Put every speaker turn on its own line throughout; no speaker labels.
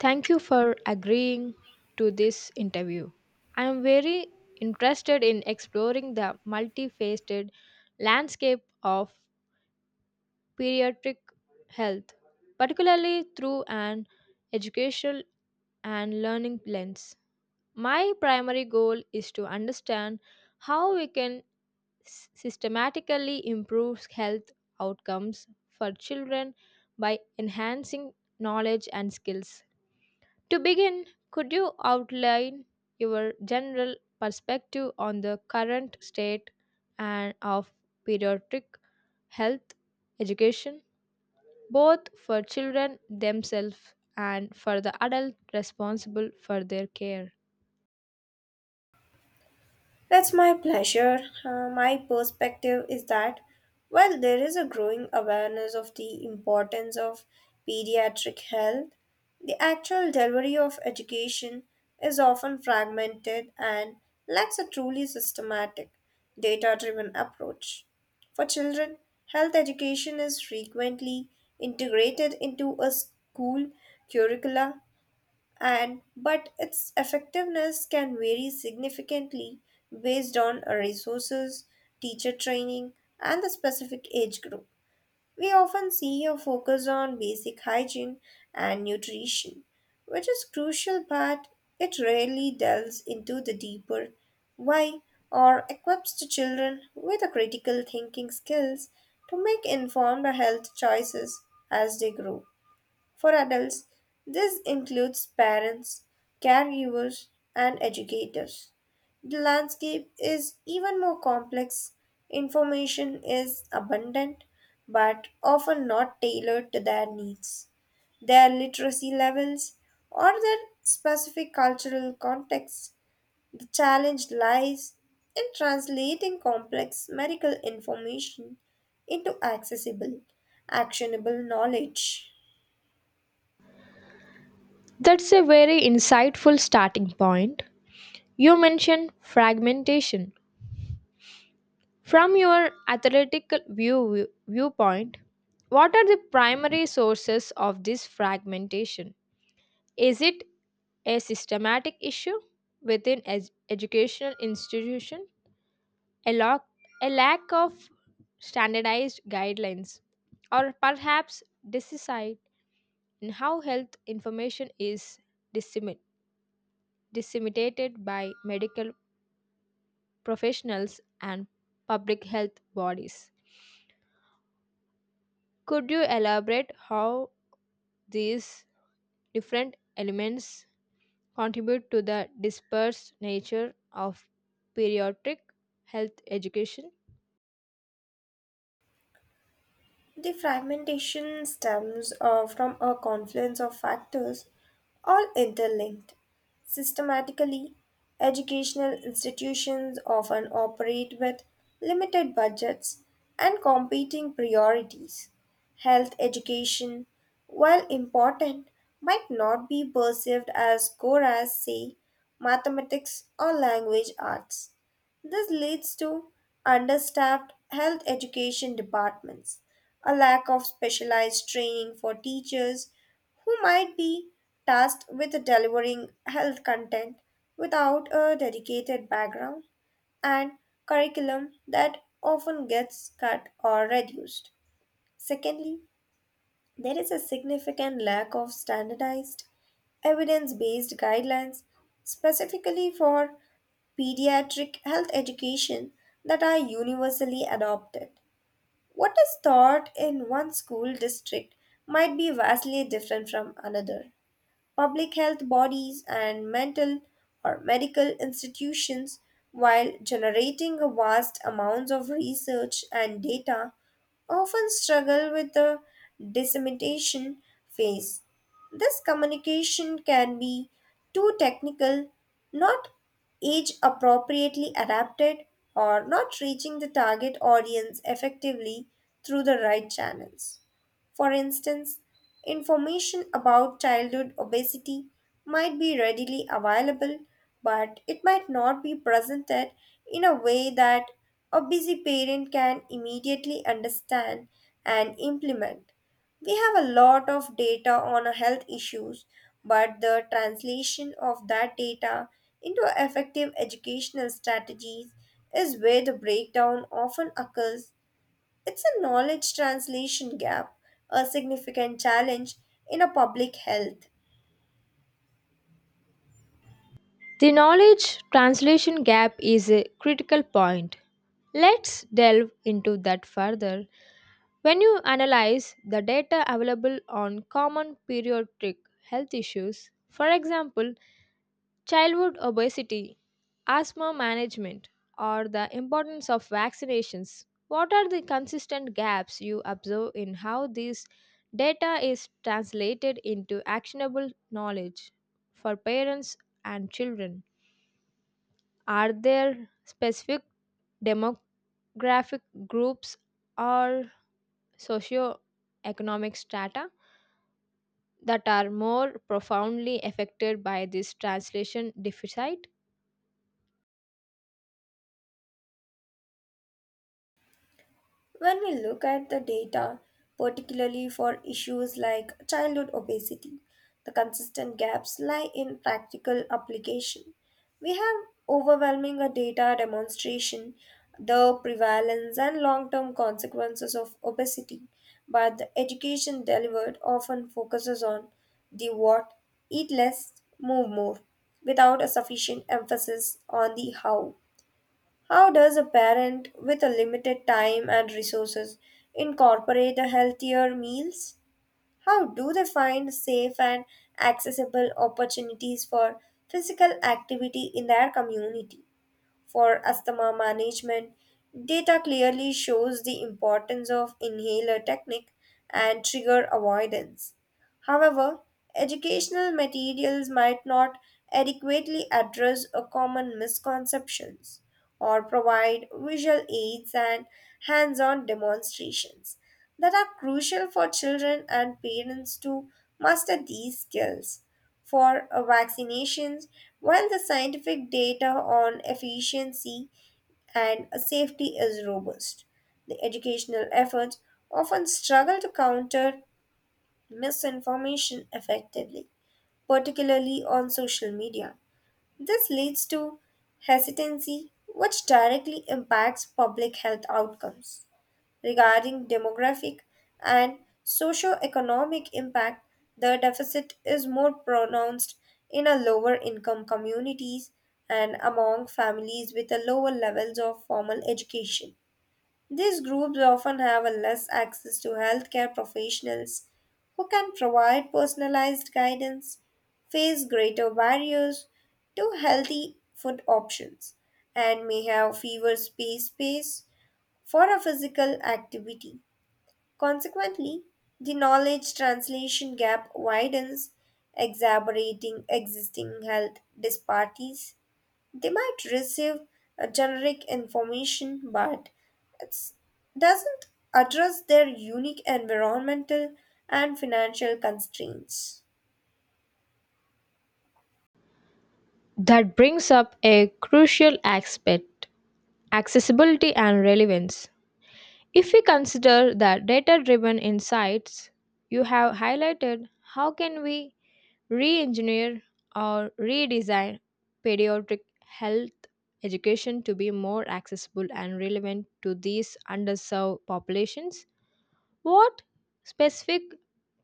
Thank you for agreeing to this interview. I am very interested in exploring the multifaceted landscape of pediatric health, particularly through an educational and learning lens. My primary goal is to understand how we can systematically improve health outcomes for children by enhancing knowledge and skills to begin, could you outline your general perspective on the current state and of pediatric health education, both for children themselves and for the adult responsible for their care?
That's my pleasure. My perspective is that while there is a growing awareness of the importance of pediatric health, the actual delivery of education is often fragmented and lacks a truly systematic, data driven approach. For children, health education is frequently integrated into a school curricula and but its effectiveness can vary significantly based on resources, teacher training, and the specific age group. We often see a focus on basic hygiene and nutrition, which is crucial, but it rarely delves into the deeper why or equips the children with the critical thinking skills to make informed health choices as they grow. For adults, this includes parents, caregivers, and educators. The landscape is even more complex. Information is abundant, but often not tailored to their needs, their literacy levels, or their specific cultural context. The challenge lies in translating complex medical information into accessible, actionable knowledge.
That's a very insightful starting point. You mentioned fragmentation. From your viewpoint, what are the primary sources of this fragmentation? Is it a systematic issue within educational institution, a, lo- a lack of standardized guidelines, or perhaps decide in how health information is dissemi- disseminated by medical professionals and public health bodies? Could you elaborate how these different elements contribute to the dispersed nature of pediatric health education.
The fragmentation stems from a confluence of factors, all interlinked. Systematically, educational institutions often operate with limited budgets and competing priorities. Health education, while important, might not be perceived as core as, say, mathematics or language arts. This leads to understaffed health education departments, a lack of specialized training for teachers who might be tasked with delivering health content without a dedicated background, and curriculum that often gets cut or reduced. Secondly, there is a significant lack of standardized, evidence based guidelines specifically for pediatric health education that are universally adopted. What is taught in one school district might be vastly different from another. Public health bodies, and mental or medical institutions, while generating vast amounts of research and data, often struggle with the dissemination phase. This communication can be too technical, not age appropriately adapted, or not reaching the target audience effectively through the right channels. For instance, information about childhood obesity might be readily available, but it might not be presented in a way that a busy parent can immediately understand and implement. We have a lot of data on health issues, but the translation of that data into effective educational strategies is where the breakdown often occurs. It's a knowledge translation gap, a significant challenge in a public health.
The knowledge translation gap is a critical point. Let's delve into that further. When you analyze the data available on common pediatric health issues, for example, childhood obesity, asthma management, or the importance of vaccinations. What are the consistent gaps you observe in how this data is translated into actionable knowledge for parents and children? Are there specific demographic groups or socioeconomic strata that are more profoundly affected by this translation deficit?
When we look at the data, particularly for issues like childhood obesity, the consistent gaps lie in practical application. We have overwhelming a data demonstration the prevalence and long-term consequences of obesity, but the education delivered often focuses on the what, eat less, move more, without a sufficient emphasis on the how. How does a parent with a limited time and resources incorporate a healthier meals? How do they find safe and accessible opportunities for physical activity in their community? For asthma management. Data clearly shows the importance of inhaler technique and trigger avoidance. However, educational materials might not adequately address a common misconceptions or provide visual aids and hands-on demonstrations that are crucial for children and parents to master these skills for vaccinations, while the scientific data on efficiency and safety is robust. The educational efforts often struggle to counter misinformation effectively, particularly on social media. This leads to hesitancy, which directly impacts public health outcomes. Regarding demographic and socio-economic impact, the deficit is more pronounced in a lower income communities and among families with a lower levels of formal education. These groups often have a less access to healthcare professionals who can provide personalized guidance, face greater barriers to healthy food options, and may have fewer space for a physical activity. Consequently, the knowledge translation gap widens, exacerbating existing health disparities. They might receive a generic information, but it doesn't address their unique environmental and financial constraints.
That brings up a crucial aspect accessibility and relevance. If we consider the data driven insights you have highlighted, how can we re engineer or redesign pediatric health education to be more accessible and relevant to these underserved populations? What specific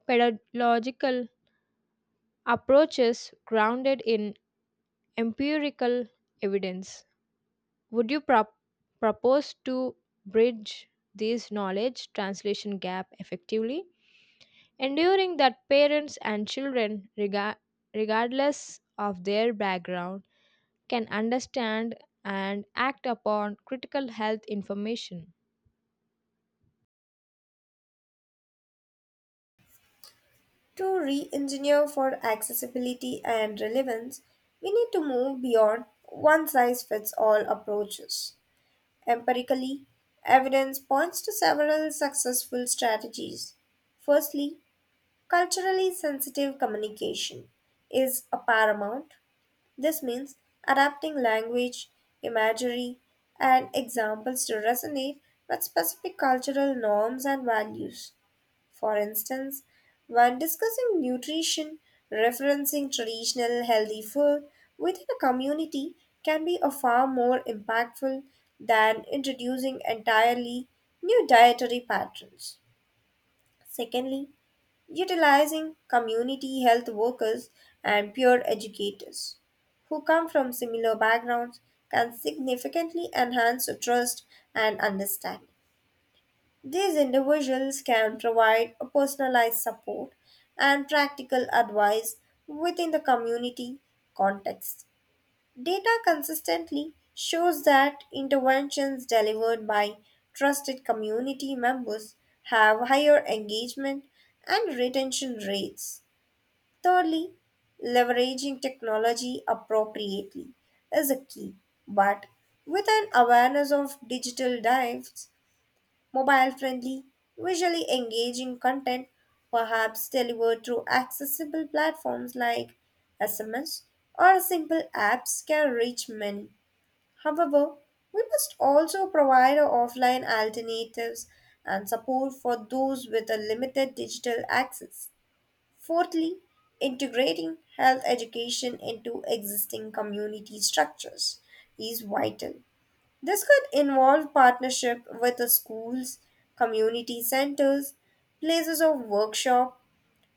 pedagogical approaches grounded in empirical evidence? Would you propose to bridge this knowledge translation gap effectively, ensuring that parents and children, regardless of their background, can understand and act upon critical health information?
To re engineer for accessibility and relevance, we need to move beyond one size fits all approaches. Empirically, evidence points to several successful strategies. Firstly, culturally sensitive communication is a paramount. This means adapting language, imagery, and examples to resonate with specific cultural norms and values. For instance, when discussing nutrition, referencing traditional healthy food within a community can be a far more impactful than introducing entirely new dietary patterns. Secondly, utilizing community health workers and peer educators who come from similar backgrounds can significantly enhance trust and understanding. These individuals can provide a personalized support and practical advice within the community context. Data consistently shows that interventions delivered by trusted community members have higher engagement and retention rates. Thirdly, leveraging technology appropriately is a key, but with an awareness of digital dives mobile friendly, visually engaging content, perhaps delivered through accessible platforms like SMS or simple apps, can reach many. However, we must also provide offline alternatives and support for those with a limited digital access. Fourthly, integrating health education into existing community structures is vital. This could involve partnership with the schools, community centers, places of workshop,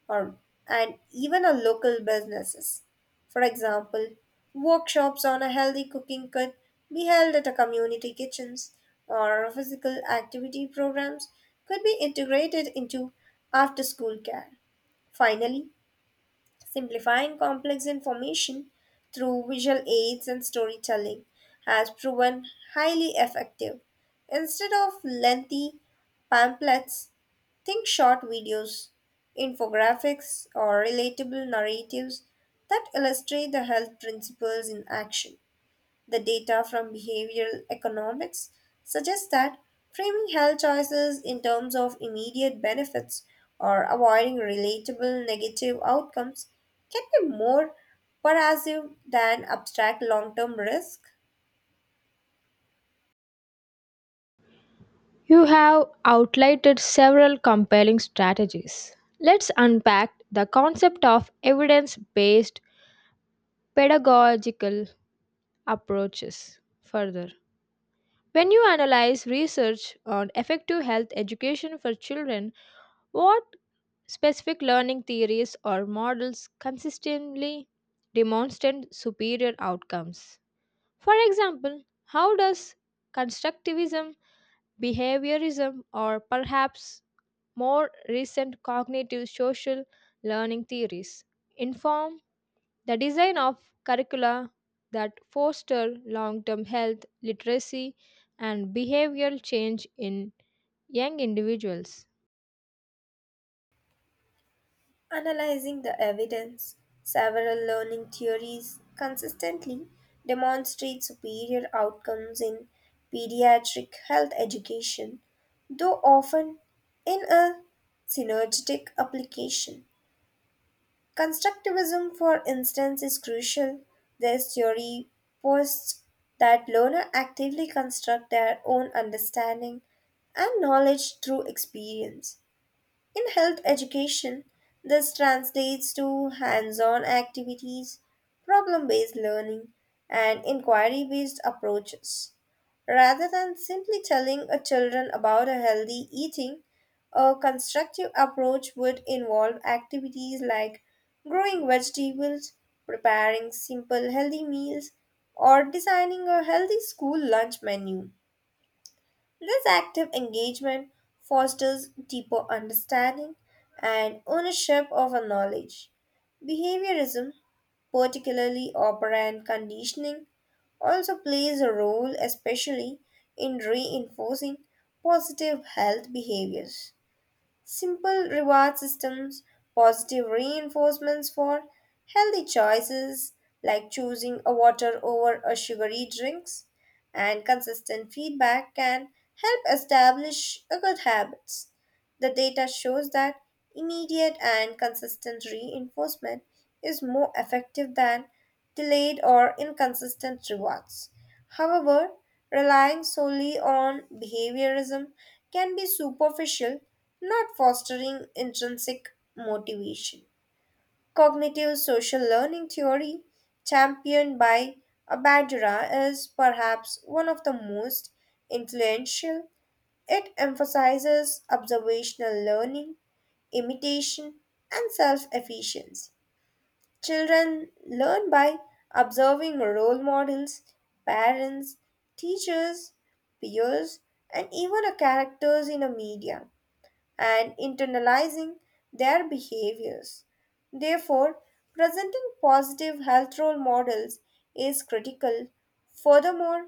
or and even a local businesses. For example, workshops on a healthy cooking could be held at a community kitchens, or physical activity programs could be integrated into after-school care. Finally, simplifying complex information through visual aids and storytelling has proven highly effective. Instead of lengthy pamphlets, think short videos, infographics, or relatable narratives that illustrate the health principles in action. The data from behavioral economics suggests that framing health choices in terms of immediate benefits or avoiding relatable negative outcomes can be more pervasive than abstract long term risk.
You have outlined several compelling strategies. Let's unpack the concept of evidence based pedagogical approaches further. When you analyze research on effective health education for children, what specific learning theories or models consistently demonstrate superior outcomes? For example, how does constructivism, behaviorism, or perhaps more recent cognitive social learning theories inform the design of curricula that foster long term health, literacy, and behavioral change in young individuals.
Analyzing the evidence, several learning theories consistently demonstrate superior outcomes in pediatric health education, though often in a synergistic application. Constructivism, for instance, is crucial. This theory posits that learners actively construct their own understanding and knowledge through experience in health education. This translates to hands on activities, problem based learning, and inquiry based approaches. Rather than simply telling a children about a healthy eating, a constructive approach would involve activities like growing vegetables, preparing simple healthy meals, or designing a healthy school lunch menu. This active engagement fosters deeper understanding and ownership of our knowledge. Behaviorism, particularly operant conditioning, also plays a role, especially in reinforcing positive health behaviors. Simple reward systems, positive reinforcements for healthy choices like choosing a water over a sugary drinks, and consistent feedback can help establish a good habits. The data shows that immediate and consistent reinforcement is more effective than delayed or inconsistent rewards. However, relying solely on behaviorism can be superficial, not fostering intrinsic motivation. Cognitive social learning theory, championed by Bandura, is perhaps one of the most influential. It emphasizes observational learning, imitation, and self efficiency. Children learn by observing role models, parents, teachers, peers, and even a characters in a media and internalizing their behaviors. Therefore, presenting positive health role models is critical. Furthermore,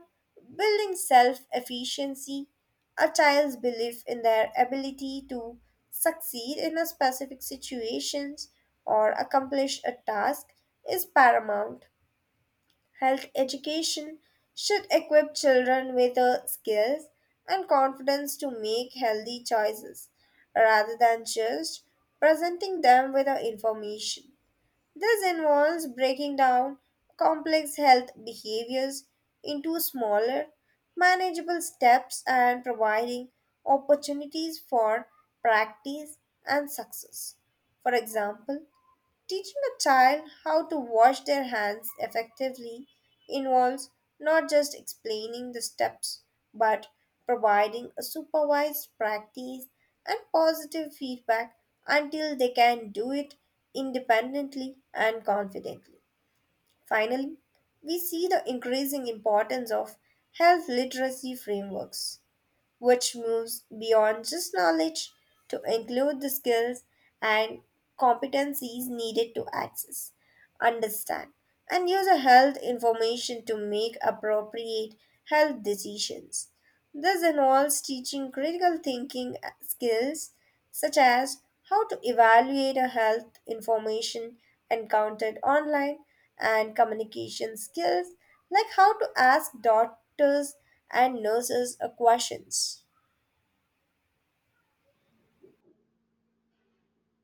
building self efficiency, a child's belief in their ability to succeed in a specific situations or accomplish a task, is paramount. Health education should equip children with the skills and confidence to make healthy choices rather than just presenting them with the information. This involves breaking down complex health behaviors into smaller, manageable steps and providing opportunities for practice and success. For example, teaching a child how to wash their hands effectively involves not just explaining the steps, but providing a supervised practice and positive feedback until they can do it independently and confidently. Finally, we see the increasing importance of health literacy frameworks which moves beyond just knowledge to include the skills and competencies needed to access, understand, and use a health information to make appropriate health decisions. This involves teaching critical thinking skills such as how to evaluate a health information encountered online and communication skills like how to ask doctors and nurses a questions.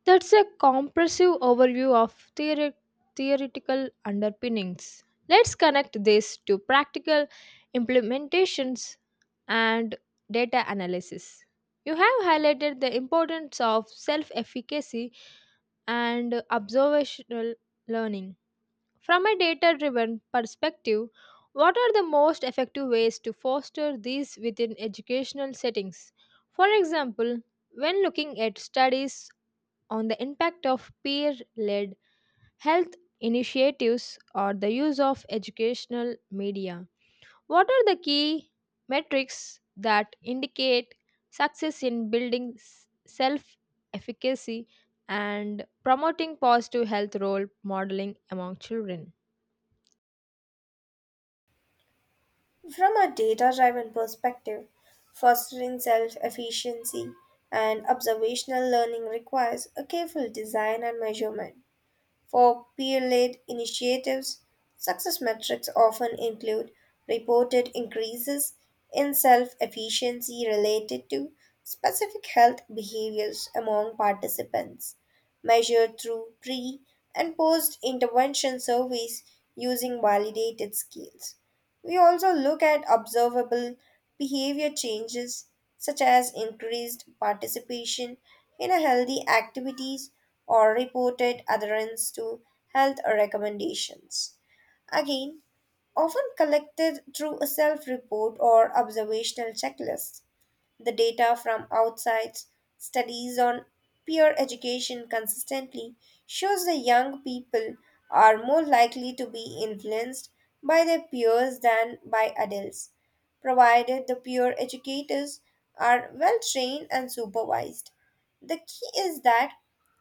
That's a comprehensive overview of theoretical underpinnings. Let's connect this to practical implementations and data analysis. You have highlighted the importance of self efficacy and observational learning. From a data driven perspective, what are the most effective ways to foster these within educational settings? For example, when looking at studies on the impact of peer led health initiatives or the use of educational media, what are the key metrics that indicate success in building self efficacy and promoting positive health role modeling among children?
From a data driven perspective, fostering self efficiency and observational learning requires a careful design and measurement. For peer led initiatives, success metrics often include reported increases in self efficiency related to specific health behaviors among participants, measured through pre and post intervention surveys using validated scales. We also look at observable behavior changes such as increased participation in a healthy activities or reported adherence to health recommendations. Again, often collected through a self report or observational checklist, the data from outside studies on peer education consistently shows that young people are more likely to be influenced by their peers than by adults, provided the peer educators are well trained and supervised. The key is that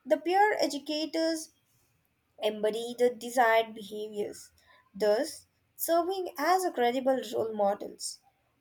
the peer educators embody the desired behaviors, thus serving as a credible role models.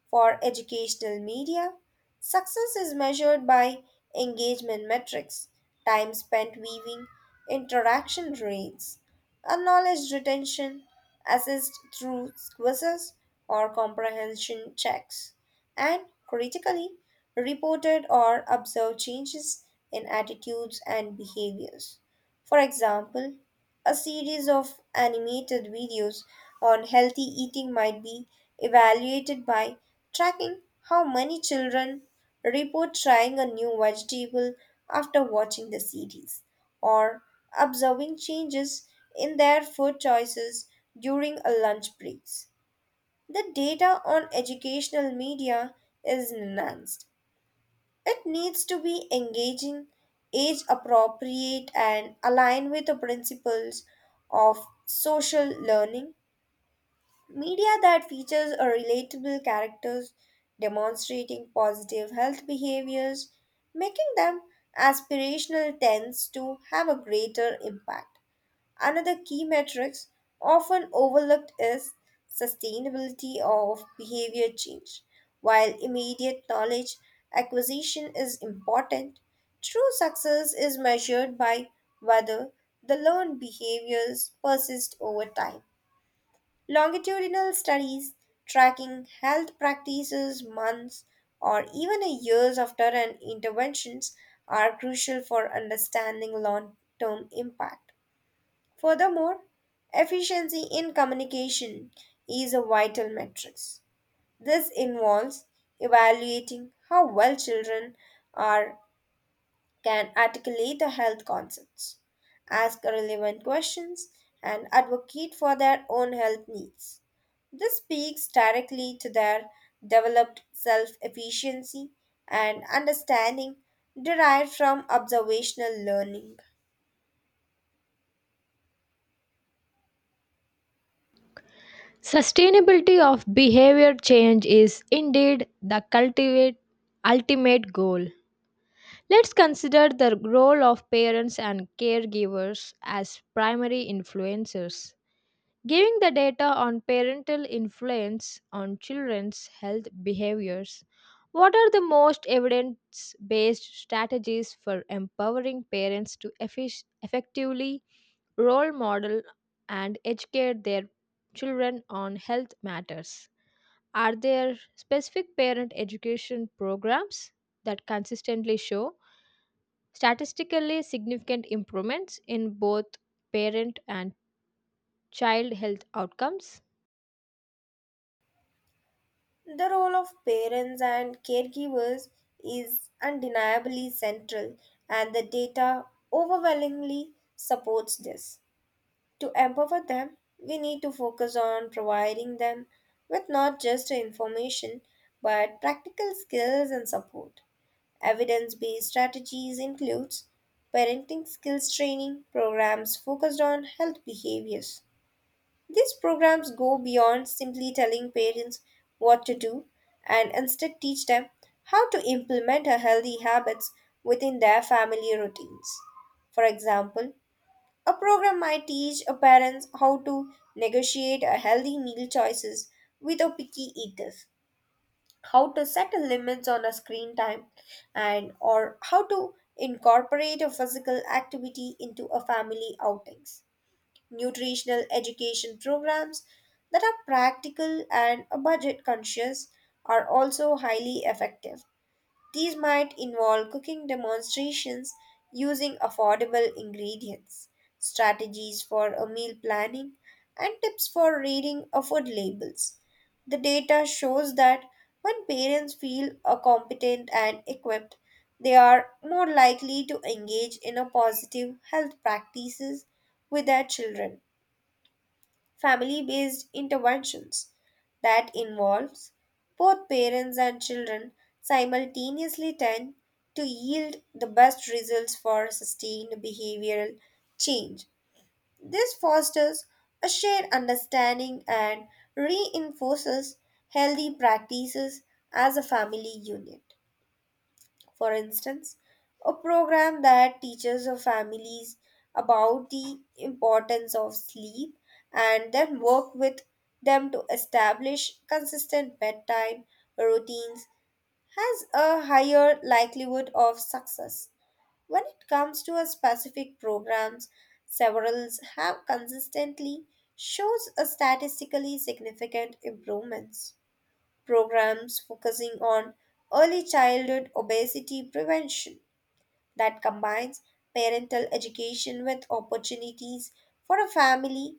For educational media, success is measured by engagement metrics, time spent viewing, interaction rates, and knowledge retention assessed through quizzes or comprehension checks, and critically, reported or observed changes in attitudes and behaviors. For example, a series of animated videos on healthy eating might be evaluated by tracking how many children report trying a new vegetable after watching the series or observing changes in their food choices during a lunch breaks. The data on educational media is enhanced. It needs to be engaging, age appropriate, and align with the principles of social learning. Media that features a relatable characters demonstrating positive health behaviors, making them aspirational, tends to have a greater impact. Another key metrics often overlooked is sustainability of behavior change. While immediate knowledge acquisition is important, true success is measured by whether the learned behaviors persist over time. Longitudinal studies tracking health practices months or even a years after an interventions are crucial for understanding long-term impact. Furthermore, efficiency in communication is a vital metric. This involves evaluating how well children are can articulate the health concepts, ask relevant questions, and advocate for their own health needs. This speaks directly to their developed self efficiency and understanding derived from observational learning.
Sustainability of behavior change is indeed the cultivate ultimate goal. Let's consider the role of parents and caregivers as primary influencers. Giving the data on parental influence on children's health behaviors, what are the most evidence based strategies for empowering parents to effectively role model and educate their children on health matters? Are there specific parent education programs that consistently show statistically significant improvements in both parent and child health outcomes?
The role of parents and caregivers is undeniably central, and the data overwhelmingly supports this. To empower them, we need to focus on providing them with not just information but practical skills and support. Evidence based strategies includes parenting skills training programs focused on health behaviors, these programs go beyond simply telling parents what to do and instead teach them how to implement a healthy habits within their family routines. For example, a program might teach a parents how to negotiate a healthy meal choices with a picky eaters, how to set a limits on a screen time and or how to incorporate a physical activity into a family outings. Nutritional education programs that are practical and budget conscious are also highly effective. These might involve cooking demonstrations using affordable ingredients, strategies for a meal planning, and tips for reading a food labels. The data shows that when parents feel competent and equipped, they are more likely to engage in a positive health practices with their children. Family based interventions that involves both parents and children simultaneously tend to yield the best results for sustained behavioral change. This fosters a shared understanding and reinforces healthy practices as a family unit. For instance, a program that teaches our families about the importance of sleep and then work with them to establish consistent bedtime routines has a higher likelihood of success. When it comes to a specific programs, several have consistently shows a statistically significant improvements. Programs focusing on early childhood obesity prevention that combines parental education with opportunities for a family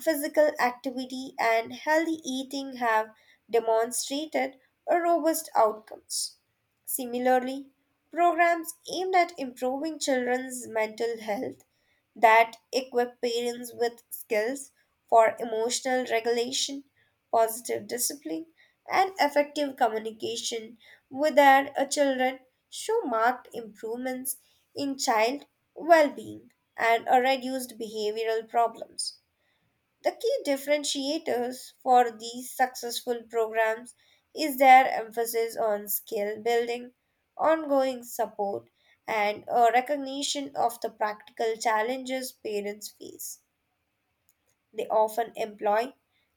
physical activity and healthy eating have demonstrated robust outcomes. Similarly, programs aimed at improving children's mental health that equip parents with skills for emotional regulation, positive discipline, and effective communication with their children show marked improvements in child well being and reduced behavioral problems. The key differentiators for these successful programs is their emphasis on skill building, ongoing support, and a recognition of the practical challenges parents face. They often employ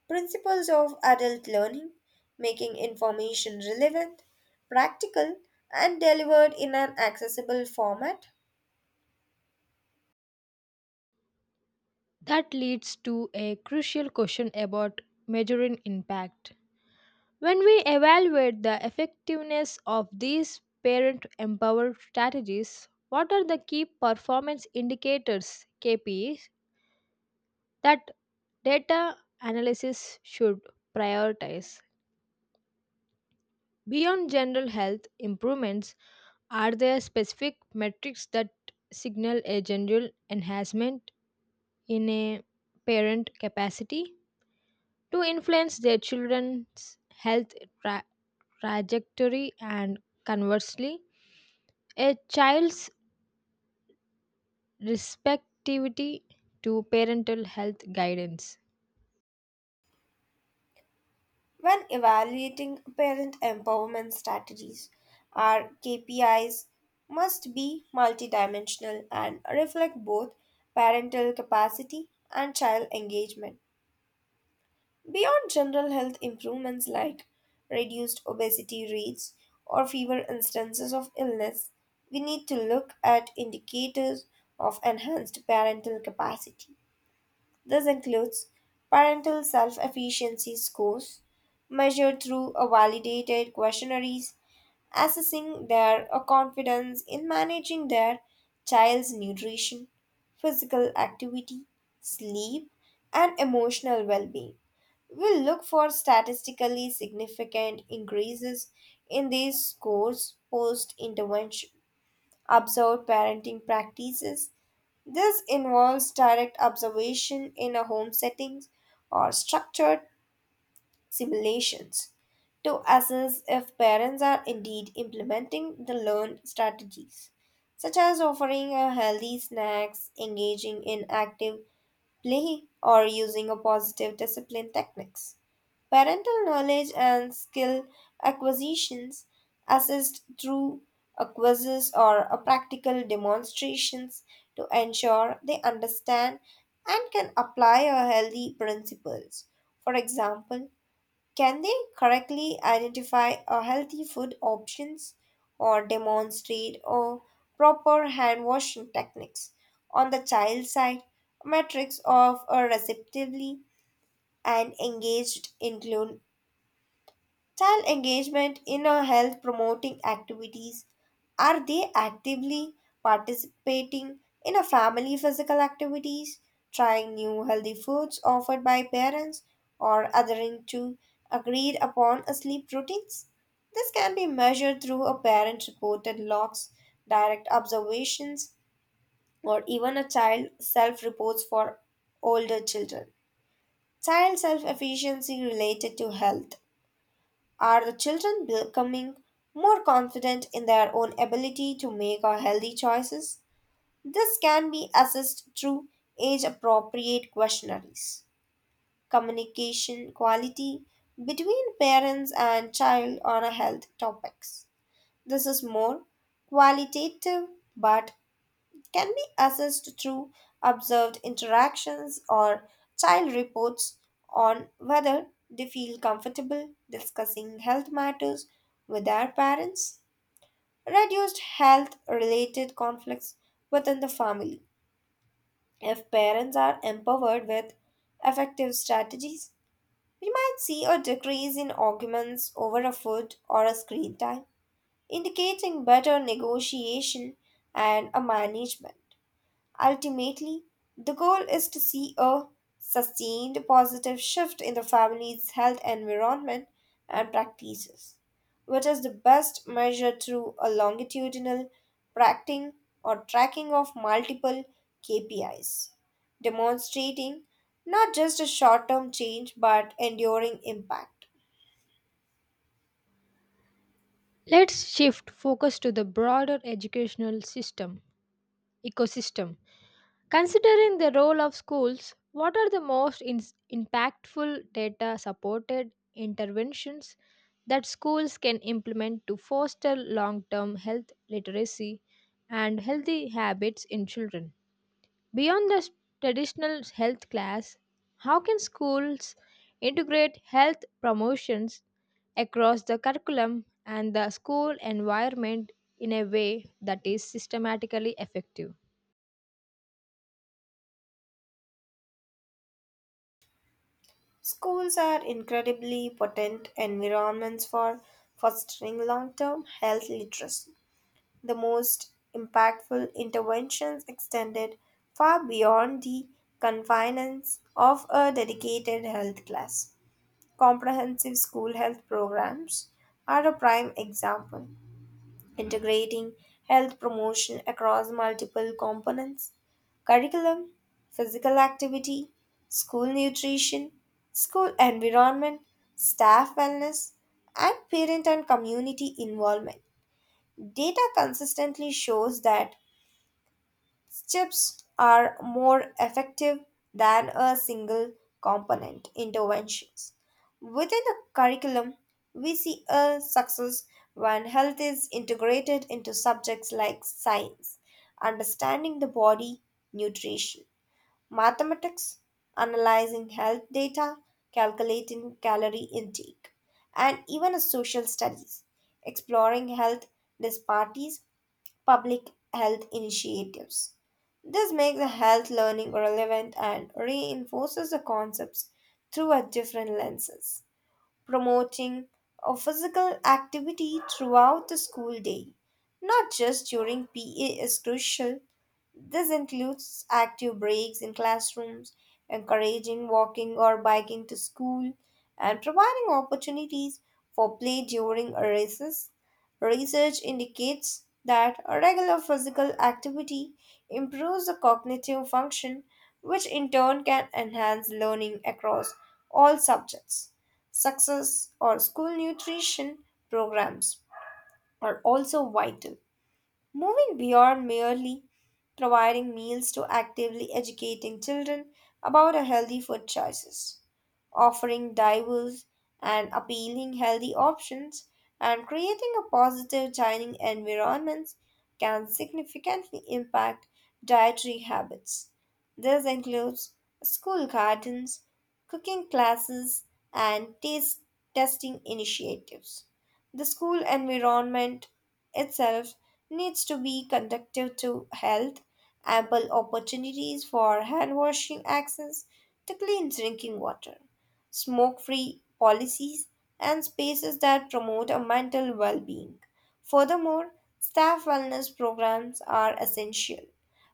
principles of adult learning, making information relevant, practical, and delivered in an accessible format.
That leads to a crucial question about measuring impact. When we evaluate the effectiveness of these parent empowered strategies, what are the key performance indicators KPIs that data analysis should prioritize? Beyond general health improvements, are there specific metrics that signal a general enhancement in a parent capacity to influence their children's health tra- trajectory and conversely, a child's receptivity to parental health guidance?
When evaluating parent empowerment strategies, our KPIs must be multidimensional and reflect both parental capacity and child engagement. Beyond general health improvements like reduced obesity rates or fewer instances of illness, we need to look at indicators of enhanced parental capacity. This includes parental self efficiency scores measured through a validated questionnaires assessing their confidence in managing their child's nutrition, physical activity, sleep, and emotional well being. We look for statistically significant increases in these scores post intervention, observed parenting practices. This involves direct observation in a home settings or structured simulations to assess if parents are indeed implementing the learned strategies, such as offering a healthy snacks, engaging in active play, or using a positive discipline techniques. Parental knowledge and skill acquisitions assessed through a quizzes or a practical demonstrations to ensure they understand and can apply a healthy principles. For example, can they correctly identify a healthy food options or demonstrate or proper hand washing techniques? On the child side, metrics of a receptively and engaged include child engagement in a health promoting activities. Are they actively participating in a family physical activities, trying new healthy foods offered by parents, or adhering to agreed upon sleep routines? This can be measured through a parent reported logs, direct observations, or even a child self reports for older children. Child self efficiency related to health. Are the children becoming more confident in their own ability to make a healthy choices? This can be assessed through age appropriate questionnaires. Communication quality between parents and child on a health topics. This is more qualitative but can be assessed through observed interactions or child reports on whether they feel comfortable discussing health matters with their parents. Reduced health related conflicts within the family. If parents are empowered with effective strategies, we might see a decrease in arguments over a food or a screen time, indicating better negotiation and a management. Ultimately, the goal is to see a sustained positive shift in the family's health environment and practices, which is the best measured through a longitudinal tracking or tracking of multiple KPIs, demonstrating not just a short term change but enduring impact.
Let's shift focus to the broader educational system ecosystem Considering the role of schools, what are the most impactful data supported interventions that schools can implement to foster long term health literacy and healthy habits in children? Beyond the traditional health class, how can schools integrate health promotions across the curriculum and the school environment in a way that is systematically effective?
Schools are incredibly potent environments for fostering long term health literacy. The most impactful interventions extended far beyond the confines of a dedicated health class. Comprehensive school health programs are a prime example, integrating health promotion across multiple components: curriculum, physical activity, school nutrition, school environment, staff wellness, and parent and community involvement. Data consistently shows that chips are more effective than a single component interventions. Within a curriculum, we see a success when health is integrated into subjects like science, understanding the body, nutrition, mathematics, analyzing health data, calculating calorie intake, and even a social studies, exploring health disparities public health initiatives. This makes the health learning relevant and reinforces the concepts through a different lenses. Promoting a physical activity throughout the school day, not just during PE, is crucial. This includes active breaks in classrooms, encouraging walking or biking to school, and providing opportunities for play during recess. Research indicates that a regular physical activity improves the cognitive function, which in turn can enhance learning across all subjects. Success or school nutrition programs are also vital. Moving beyond merely providing meals to actively educating children about a healthy food choices, offering diverse and appealing healthy options, and creating a positive dining environment can significantly impact dietary habits. This includes school gardens, cooking classes, and taste testing initiatives. The school environment itself needs to be conductive to health, ample opportunities for hand washing, access to clean drinking water, smoke free policies, and spaces that promote a mental well being. Furthermore, staff wellness programs are essential.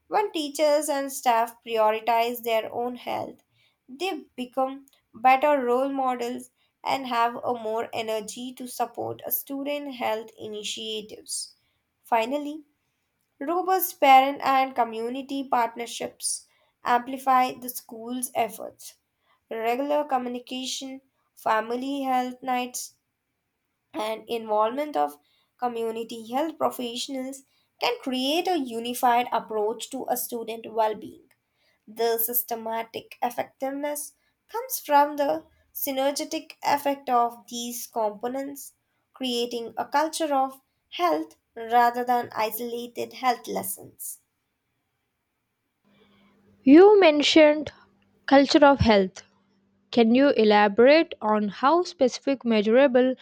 When teachers and staff prioritize their own health, they become better role models and have a more energy to support a student health initiatives. Finally, robust parent and community partnerships amplify the school's efforts. Regular communication, family health nights, and involvement of community health professionals can create a unified approach to a student well being. The systematic effectiveness comes from the synergetic effect of these components, creating a culture of health rather than isolated health lessons.
You mentioned culture of health. Can you elaborate on how specific measurable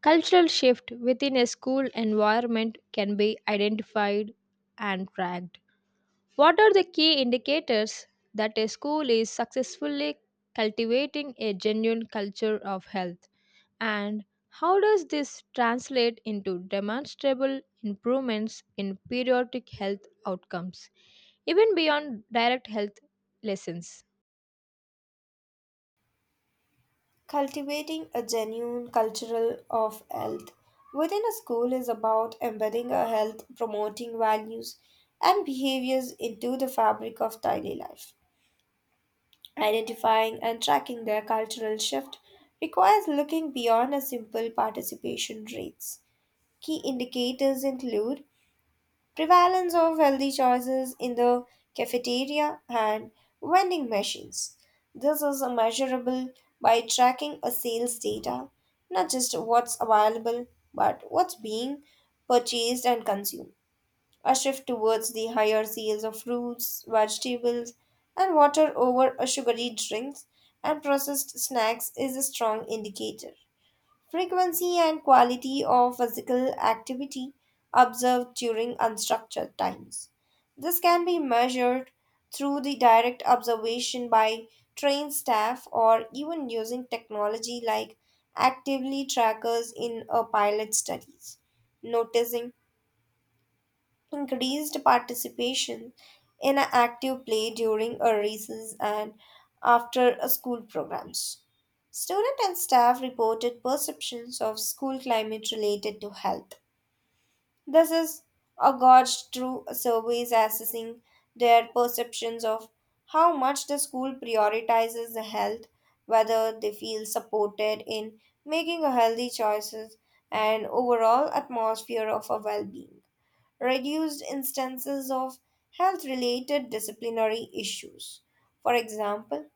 cultural shift within a school environment can be identified and tracked? What are the key indicators that a school is successfully cultivating a genuine culture of health? And how does this translate into demonstrable improvements in periodic health outcomes, even beyond direct health lessons?
Cultivating a genuine cultural of health within a school is about embedding a health promoting values and behaviors into the fabric of daily life. Identifying and tracking their cultural shift requires looking beyond a simple participation rates. Key indicators include prevalence of healthy choices in the cafeteria and vending machines. This is measurable by tracking a sales data, not just what's available, but what's being purchased and consumed. A shift towards the higher sales of fruits, vegetables, and water over sugary drinks and processed snacks is a strong indicator. Frequency and quality of physical activity observed during unstructured times. This can be measured through the direct observation by trained staff or even using technology like actively trackers in a pilot studies. Noticing increased participation in a active play during a recess and after a school programs. Student and staff reported perceptions of school climate related to health. This is a gauge through surveys assessing their perceptions of how much the school prioritizes the health, whether they feel supported in making a healthy choices and overall atmosphere of a well-being. Reduced instances of health related disciplinary issues. For example,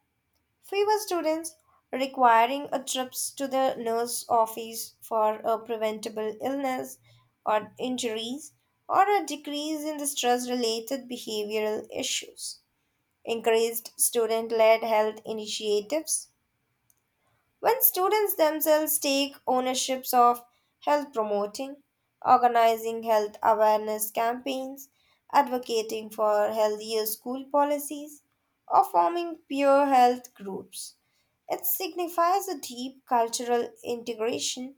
fewer students requiring a trip to the nurse office for a preventable illness or injuries, or a decrease in the stress related behavioral issues. Increased student led health initiatives. When students themselves take ownerships of health promoting, organizing health awareness campaigns, advocating for healthier school policies, or forming peer health groups, it signifies a deep cultural integration.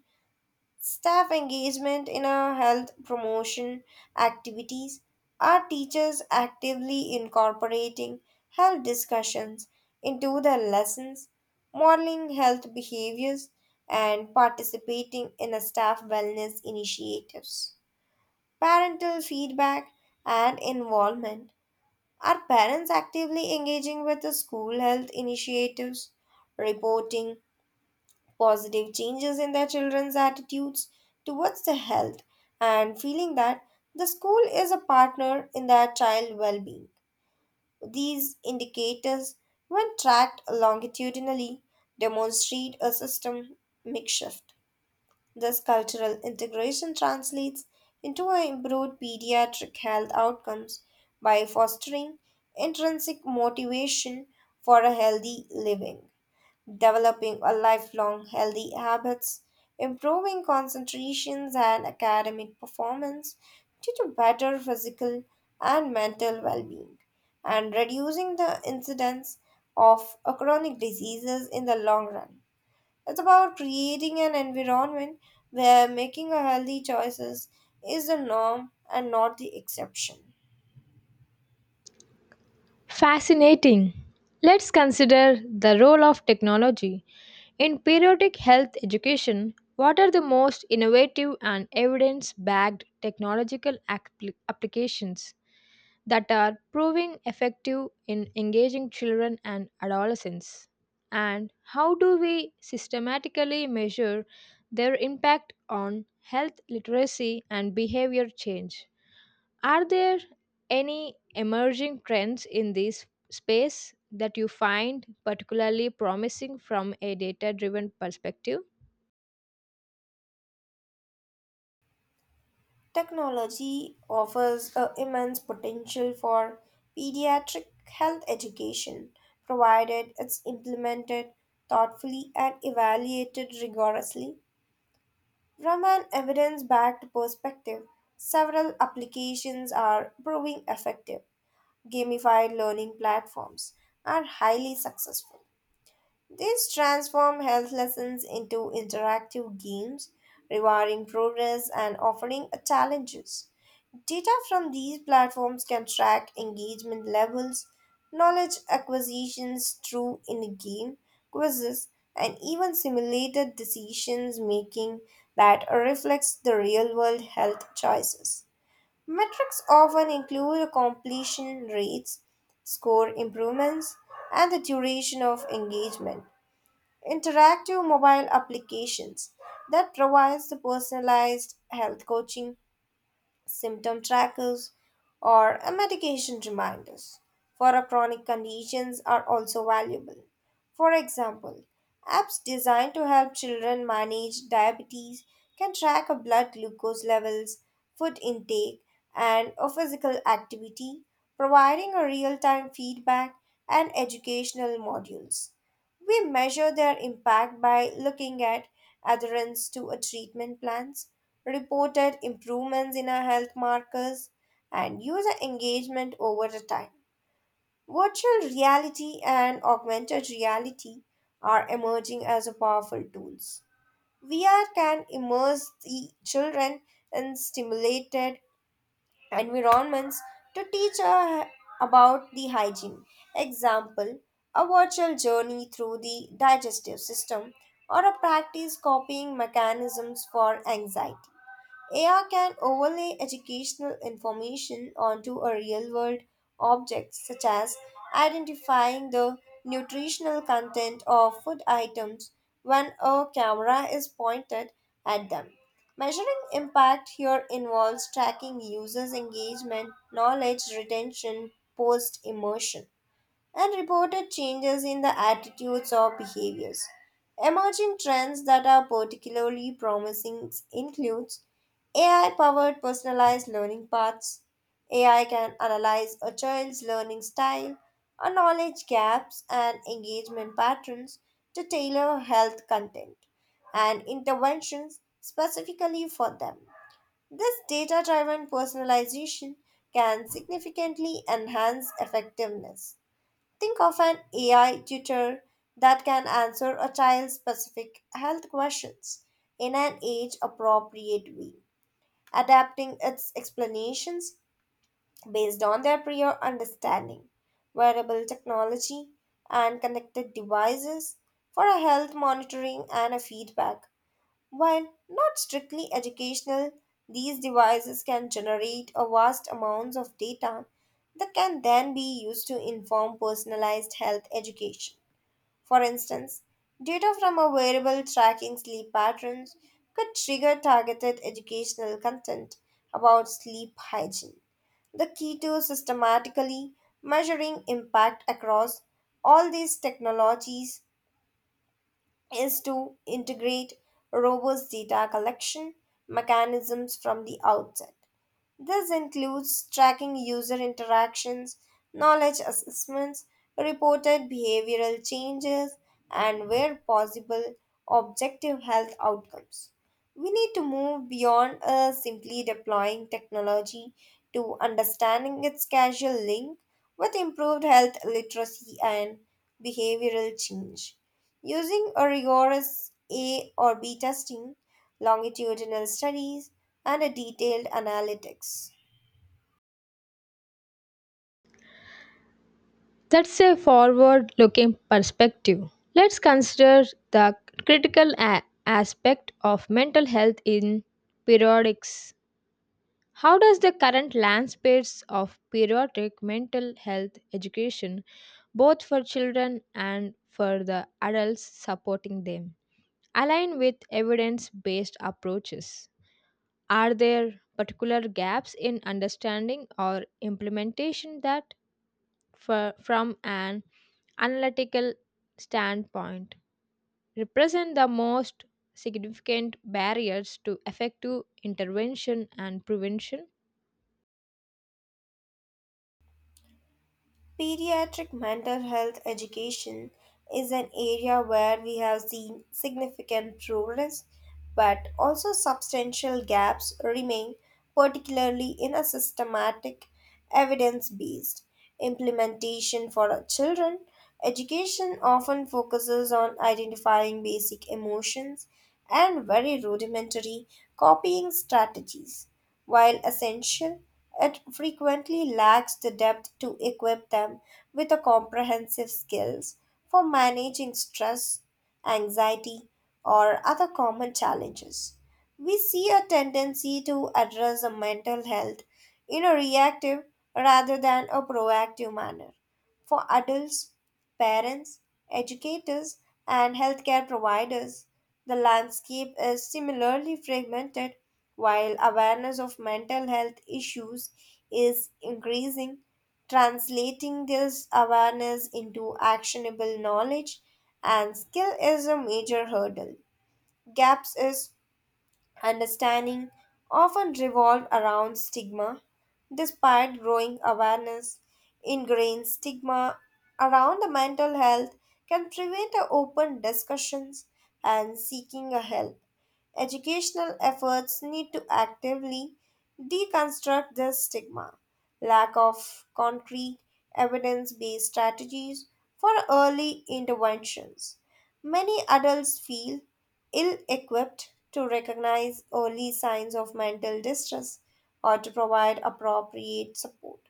Staff engagement in our health promotion activities. Are teachers actively incorporating health discussions into their lessons, modeling health behaviors, and participating in a staff wellness initiatives. Parental feedback and involvement. Are parents actively engaging with the school health initiatives, reporting positive changes in their children's attitudes towards their health and feeling that the school is a partner in their child well-being. These indicators, when tracked longitudinally, demonstrate a system shift. This cultural integration translates into a improved pediatric health outcomes by fostering intrinsic motivation for a healthy living, developing a lifelong healthy habits, improving concentrations and academic performance due to better physical and mental well-being, and reducing the incidence of a chronic diseases in the long run. It's about creating an environment where making a healthy choices is the norm and not the exception.
Fascinating. Let's consider the role of technology In periodic health education, what are the most innovative and evidence backed technological applications that are proving effective in engaging children and adolescents? And how do we systematically measure their impact on health literacy and behavior change? Are there any emerging trends in this space that you find particularly promising from a data driven perspective?
Technology offers a immense potential for pediatric health education, provided it's implemented thoughtfully and evaluated rigorously. From an evidence backed perspective, several applications are proving effective. Gamified learning platforms are highly successful. These transform health lessons into interactive games, rewarding progress and offering challenges. Data from these platforms can track engagement levels, knowledge acquisitions through in game quizzes, and even simulated decisions making that reflects the real world health choices. Metrics often include completion rates, score improvements, and the duration of engagement. Interactive mobile applications that provides the personalized health coaching symptom trackers, or a medication reminders for a chronic conditions are also valuable. For example, apps designed to help children manage diabetes can track a blood glucose levels, food intake, and a physical activity, providing a real-time feedback and educational modules. We measure their impact by looking at adherence to a treatment plans reported improvements in our health markers, and user engagement over the time. Virtual reality and augmented reality are emerging as a powerful tools. VR can immerse the children in stimulated environments to teach about the hygiene. Example, a virtual journey through the digestive system or a practice copying mechanisms for anxiety. AR can overlay educational information onto a real world object, such as identifying the nutritional content of food items when a camera is pointed at them. Measuring impact here involves tracking users' engagement, knowledge retention, post immersion, and reported changes in the attitudes or behaviors. Emerging trends that are particularly promising include AI powered personalized learning paths. AI can analyze a child's learning style, a knowledge gaps, and engagement patterns to tailor health content and interventions specifically for them. This data driven personalization can significantly enhance effectiveness. Think of an AI tutor that can answer a child's specific health questions in an age appropriate way adapting its explanations based on their prior understanding. Wearable technology and connected devices for a health monitoring and a feedback. While not strictly educational, these devices can generate a vast amounts of data that can then be used to inform personalized health education. For instance, data from a wearable tracking sleep patterns could trigger targeted educational content about sleep hygiene. The key to systematically measuring impact across all these technologies is to integrate robust data collection mechanisms from the outset. This includes tracking user interactions, knowledge assessments, reported behavioral changes, and where possible, objective health outcomes. We need to move beyond simply deploying technology to understanding its causal link with improved health literacy and behavioral change. Using a rigorous A or B testing, longitudinal studies, and a detailed analytics.
That's a forward looking perspective. Let's consider the critical aspect of mental health in periodics. How does the current landscape of periodic mental health education, both for children and for the adults supporting them? Align with evidence based approaches. Are there particular gaps in understanding or implementation that, from an analytical standpoint, represent the most significant barriers to effective intervention and prevention?
Pediatric mental health education is an area where we have seen significant progress, but also substantial gaps remain, particularly in a systematic, evidence based implementation for our children. Education often focuses on identifying basic emotions and very rudimentary copying strategies. While essential, it frequently lacks the depth to equip them with a comprehensive skills for managing stress, anxiety, or other common challenges. We see a tendency to address the mental health in a reactive rather than a proactive manner. For adults, parents, educators, and healthcare providers, the landscape is similarly fragmented, while awareness of mental health issues is increasing. Translating this awareness into actionable knowledge and skill is a major hurdle. Gaps is understanding often revolve around stigma. Despite growing awareness, ingrained stigma around the mental health can prevent a open discussions and seeking a help. Educational efforts need to actively deconstruct this stigma. Lack of concrete, evidence based strategies for early interventions. Many adults feel ill equipped to recognize early signs of mental distress or to provide appropriate support.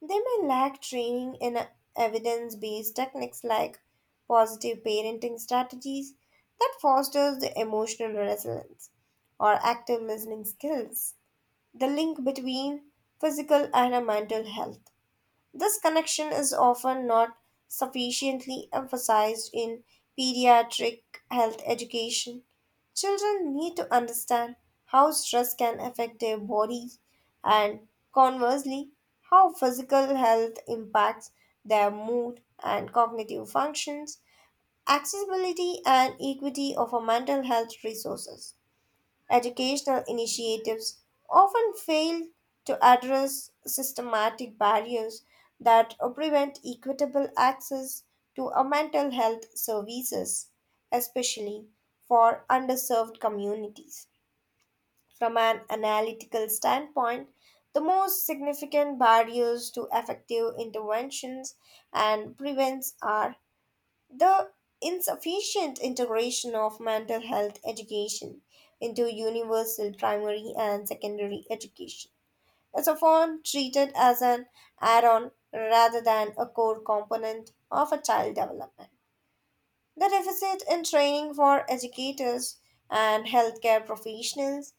They may lack training in evidence based techniques like positive parenting strategies that fosters the emotional resilience or active listening skills, the link between physical and a mental health. This connection is often not sufficiently emphasized in pediatric health education. Children need to understand how stress can affect their body and, conversely, how physical health impacts their mood and cognitive functions, accessibility, and equity of our mental health resources. Educational initiatives often fail to address systematic barriers that prevent equitable access to a mental health services, especially for underserved communities. From an analytical standpoint, the most significant barriers to effective interventions and prevents are the insufficient integration of mental health education into universal primary and secondary education is often treated as an add on rather than a core component of a child development. The deficit in training for educators and healthcare professionals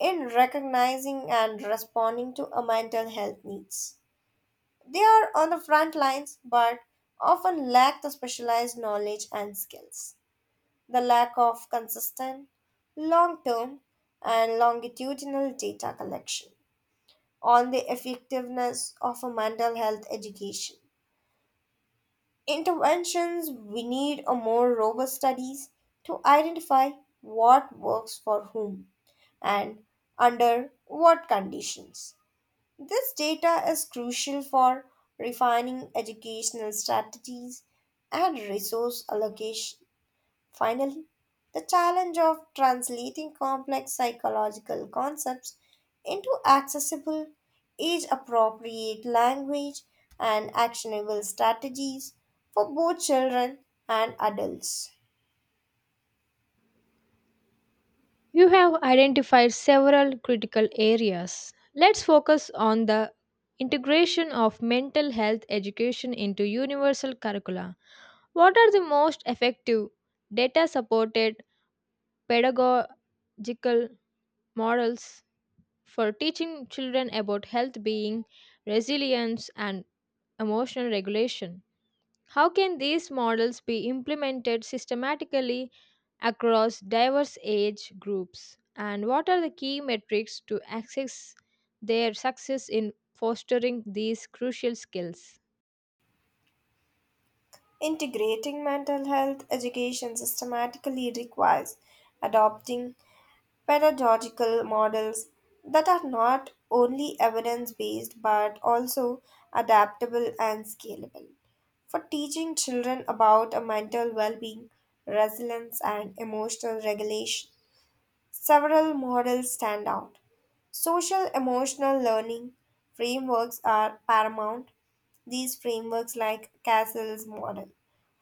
in recognizing and responding to a mental health needs. They are on the front lines but often lack the specialized knowledge and skills. The lack of consistent, long term, and longitudinal data collection on the effectiveness of a mental health education. Interventions we need a more robust studies to identify what works for whom and under what conditions. This data is crucial for refining educational strategies and resource allocation. Finally, the challenge of translating complex psychological concepts into accessible, age appropriate language and actionable strategies for both children and adults.
You have identified several critical areas. Let's focus on the integration of mental health education into universal curricula. What are the most effective data supported pedagogical models for teaching children about health being, resilience, and emotional regulation? How can these models be implemented systematically across diverse age groups? And what are the key metrics to access their success in fostering these crucial skills?
Integrating mental health education systematically requires adopting pedagogical models that are not only evidence based but also adaptable and scalable. For teaching children about a mental well being, resilience, and emotional regulation, several models stand out. Social emotional learning frameworks are paramount. These frameworks, like Castle's model,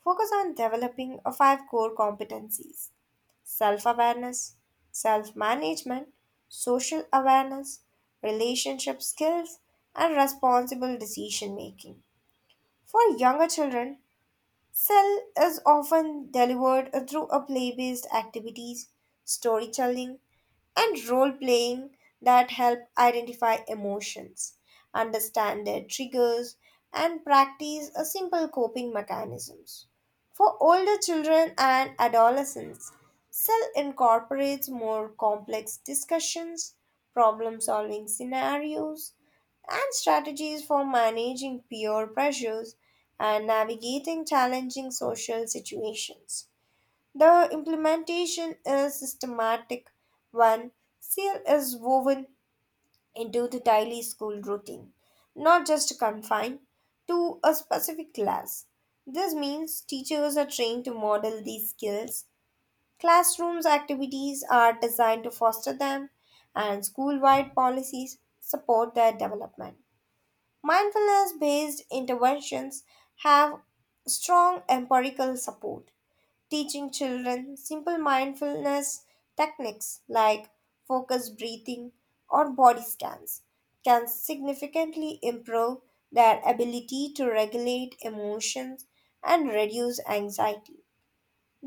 focus on developing five core competencies self awareness, self management, social awareness, relationship skills, and responsible decision making. For younger children, Cell is often delivered through a play-based activities, storytelling, and role-playing that help identify emotions, understand their triggers, and practice a simple coping mechanisms. For older children and adolescents, Cell incorporates more complex discussions, problem-solving scenarios, and strategies for managing peer pressures and navigating challenging social situations. The implementation is systematic when CL is woven into the daily school routine, not just confined to a specific class. This means teachers are trained to model these skills, classrooms activities are designed to foster them, and school wide policies support their development. Mindfulness based interventions have strong empirical support. Teaching children simple mindfulness techniques like focused breathing or body scans can significantly improve their ability to regulate emotions and reduce anxiety.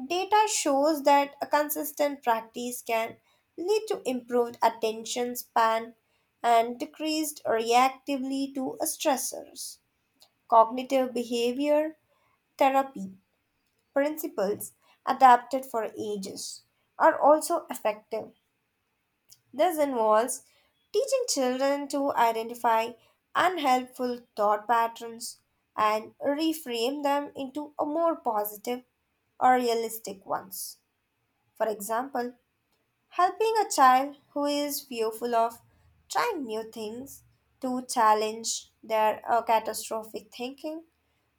Data shows that a consistent practice can lead to improved attention span and decreased reactively to stressors. Cognitive behavior therapy principles adapted for ages are also effective. This involves teaching children to identify unhelpful thought patterns and reframe them into a more positive or realistic ones. For example, helping a child who is fearful of trying new things to challenge their catastrophic thinking,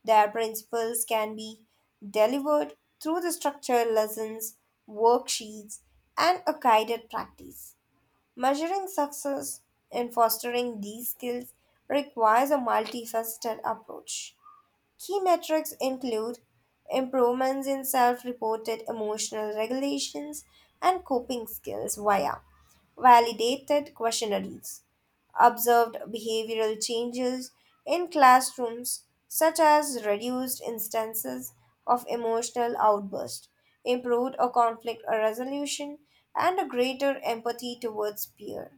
their principles can be delivered through the structured lessons, worksheets, and a guided practice. Measuring success in fostering these skills requires a multifaceted approach. Key metrics include improvements in self reported emotional regulations and coping skills via validated questionnaires, observed behavioral changes in classrooms, such as reduced instances of emotional outburst, improved a conflict resolution, and a greater empathy towards peers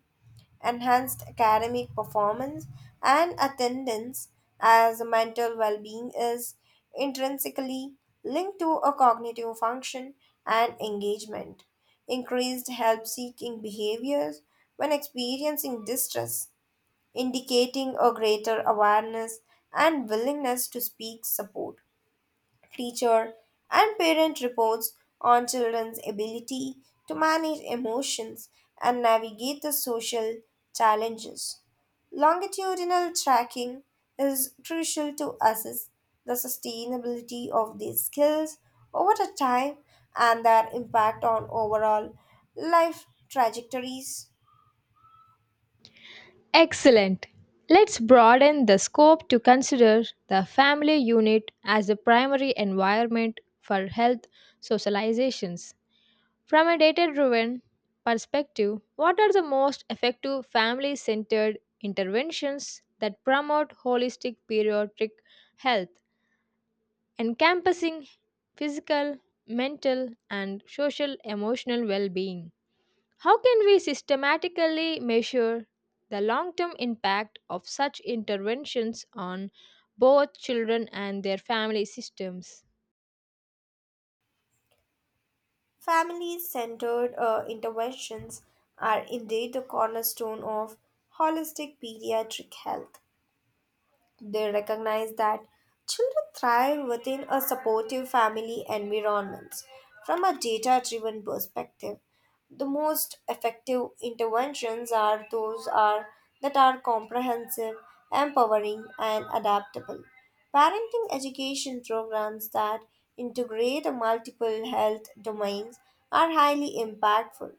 enhanced academic performance and attendance as mental well-being is intrinsically linked to a cognitive function and engagement increased help-seeking behaviors when experiencing distress indicating a greater awareness and willingness to seek support teacher, and parent reports on children's ability to manage emotions and navigate the social challenges. Longitudinal tracking is crucial to assess the sustainability of these skills over the time and their impact on overall life trajectories.
Excellent. Let's broaden the scope to consider the family unit as the primary environment for health socializations. From a data driven perspective, what are the most effective family centered interventions that promote holistic pediatric health, encompassing physical, mental, and social emotional well being? How can we systematically measure the long term impact of such interventions on both children and their family systems?
Family centered interventions are indeed the cornerstone of holistic pediatric health. They recognize that children thrive within a supportive family environment. From a data driven perspective, the most effective interventions are those are that are comprehensive, empowering and adaptable. Parenting education programs that integrate multiple health domains are highly impactful.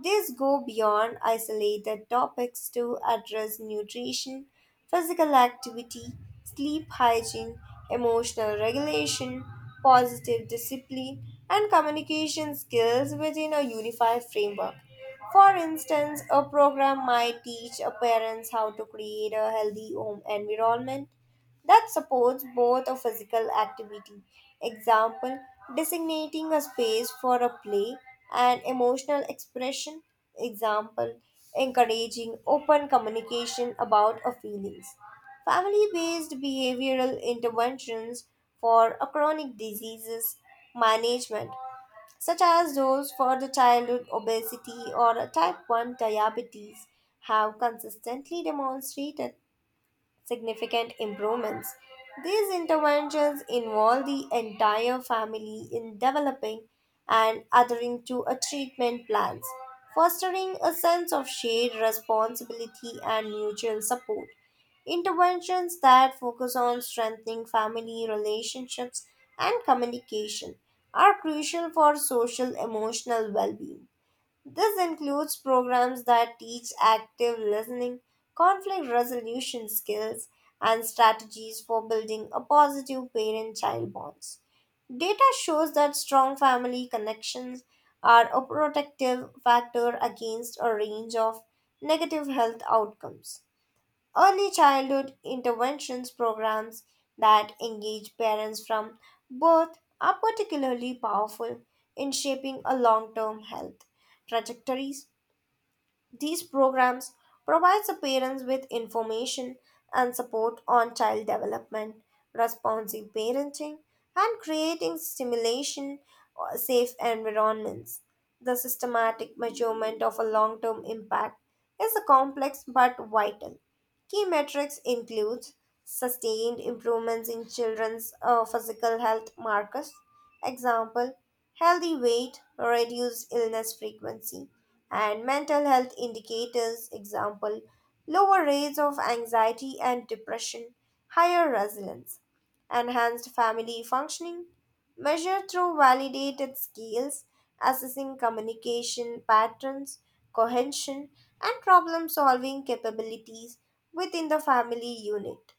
These go beyond isolated topics to address nutrition, physical activity, sleep hygiene, emotional regulation, positive discipline, and communication skills within a unified framework. For instance, a program might teach a parents how to create a healthy home environment that supports both a physical activity. Example, designating a space for a play and emotional expression. Example, encouraging open communication about our feelings. Family based behavioral interventions for a chronic diseases management, such as those for the childhood obesity or a type 1 diabetes, have consistently demonstrated significant improvements. These interventions involve the entire family in developing and adhering to a treatment plans, fostering a sense of shared responsibility and mutual support. Interventions that focus on strengthening family relationships and communication are crucial for social emotional well-being. This includes programs that teach active listening, conflict resolution skills, and strategies for building a positive parent child bonds. Data shows that strong family connections are a protective factor against a range of negative health outcomes. Early childhood interventions programs that engage parents from birth are particularly powerful in shaping a long term health trajectories. These programs provide the parents with information and support on child development, responsive parenting, and creating stimulation or safe environments. The systematic measurement of a long term impact is a complex but vital key metrics includes sustained improvements in children's physical health markers, example, healthy weight, reduced illness frequency, and mental health indicators, example, lower rates of anxiety and depression, higher resilience, enhanced family functioning, measure through validated skills, assessing communication patterns, cohesion, and problem solving capabilities within the family unit.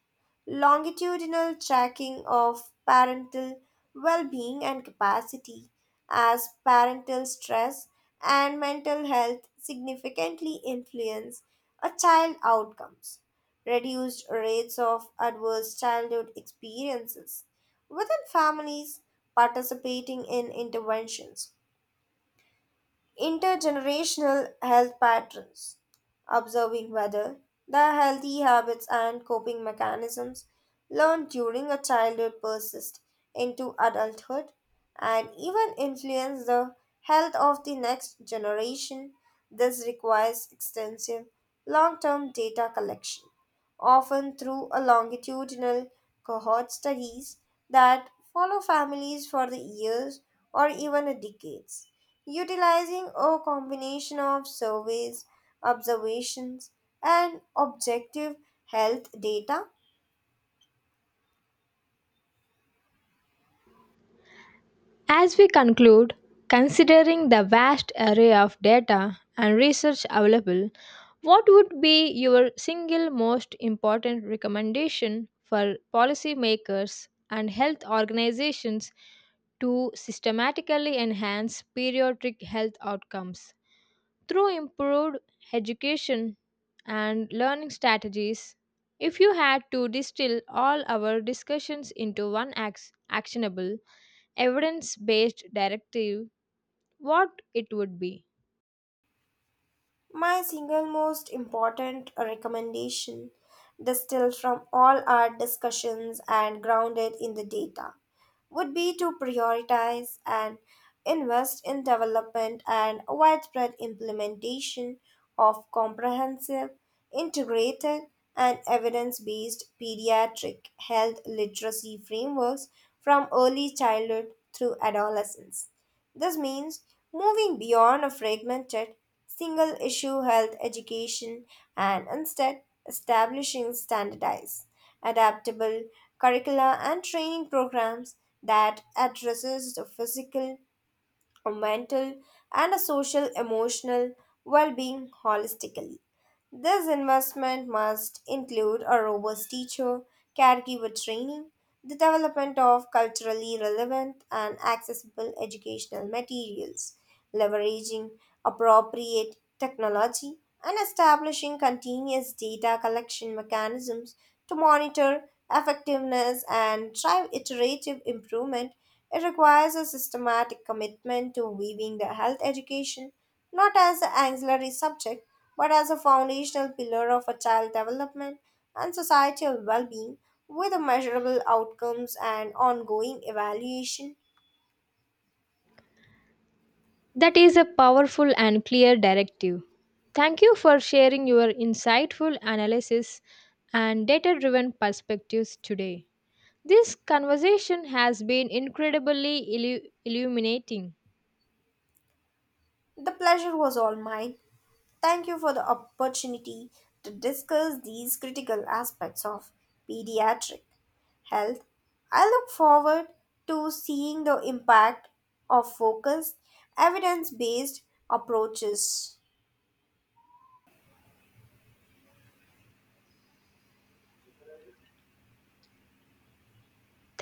Longitudinal tracking of parental well being and capacity, as parental stress and mental health significantly influence a child outcomes. Reduced rates of adverse childhood experiences within families participating in interventions intergenerational health patterns, observing whether the healthy habits and coping mechanisms learned during a childhood persist into adulthood and even influence the health of the next generation. This requires extensive long term data collection, often through a longitudinal cohort studies that follow families for the years or even decades utilizing a combination of surveys, observations, and objective health data.
As we conclude, considering the vast array of data and research available, what would be your single most important recommendation for policymakers and health organizations to systematically enhance pediatric health outcomes? Through improved education and learning strategies, if you had to distill all our discussions into one actionable, evidence based directive, what it would be?
My single most important recommendation, distilled from all our discussions and grounded in the data, would be to prioritize and invest in development and widespread implementation of comprehensive, integrated, and evidence based pediatric health literacy frameworks from early childhood through adolescence. This means moving beyond a fragmented, single issue health education and instead establishing standardized, adaptable curricula and training programs that addresses the physical, mental and social emotional well-being holistically. This investment must include a robust teacher, caregiver training, the development of culturally relevant and accessible educational materials, leveraging appropriate technology, and establishing continuous data collection mechanisms to monitor effectiveness and drive iterative improvement it requires a systematic commitment to weaving the health education not as an auxiliary subject but as a foundational pillar of a child development and societal well-being with a measurable outcomes and ongoing evaluation.
That is a powerful and clear directive. Thank you for sharing your insightful analysis and data driven perspectives today. This conversation has been incredibly illuminating.
The pleasure was all mine. Thank you for the opportunity to discuss these critical aspects of pediatric health. I look forward to seeing the impact of focused, evidence based approaches.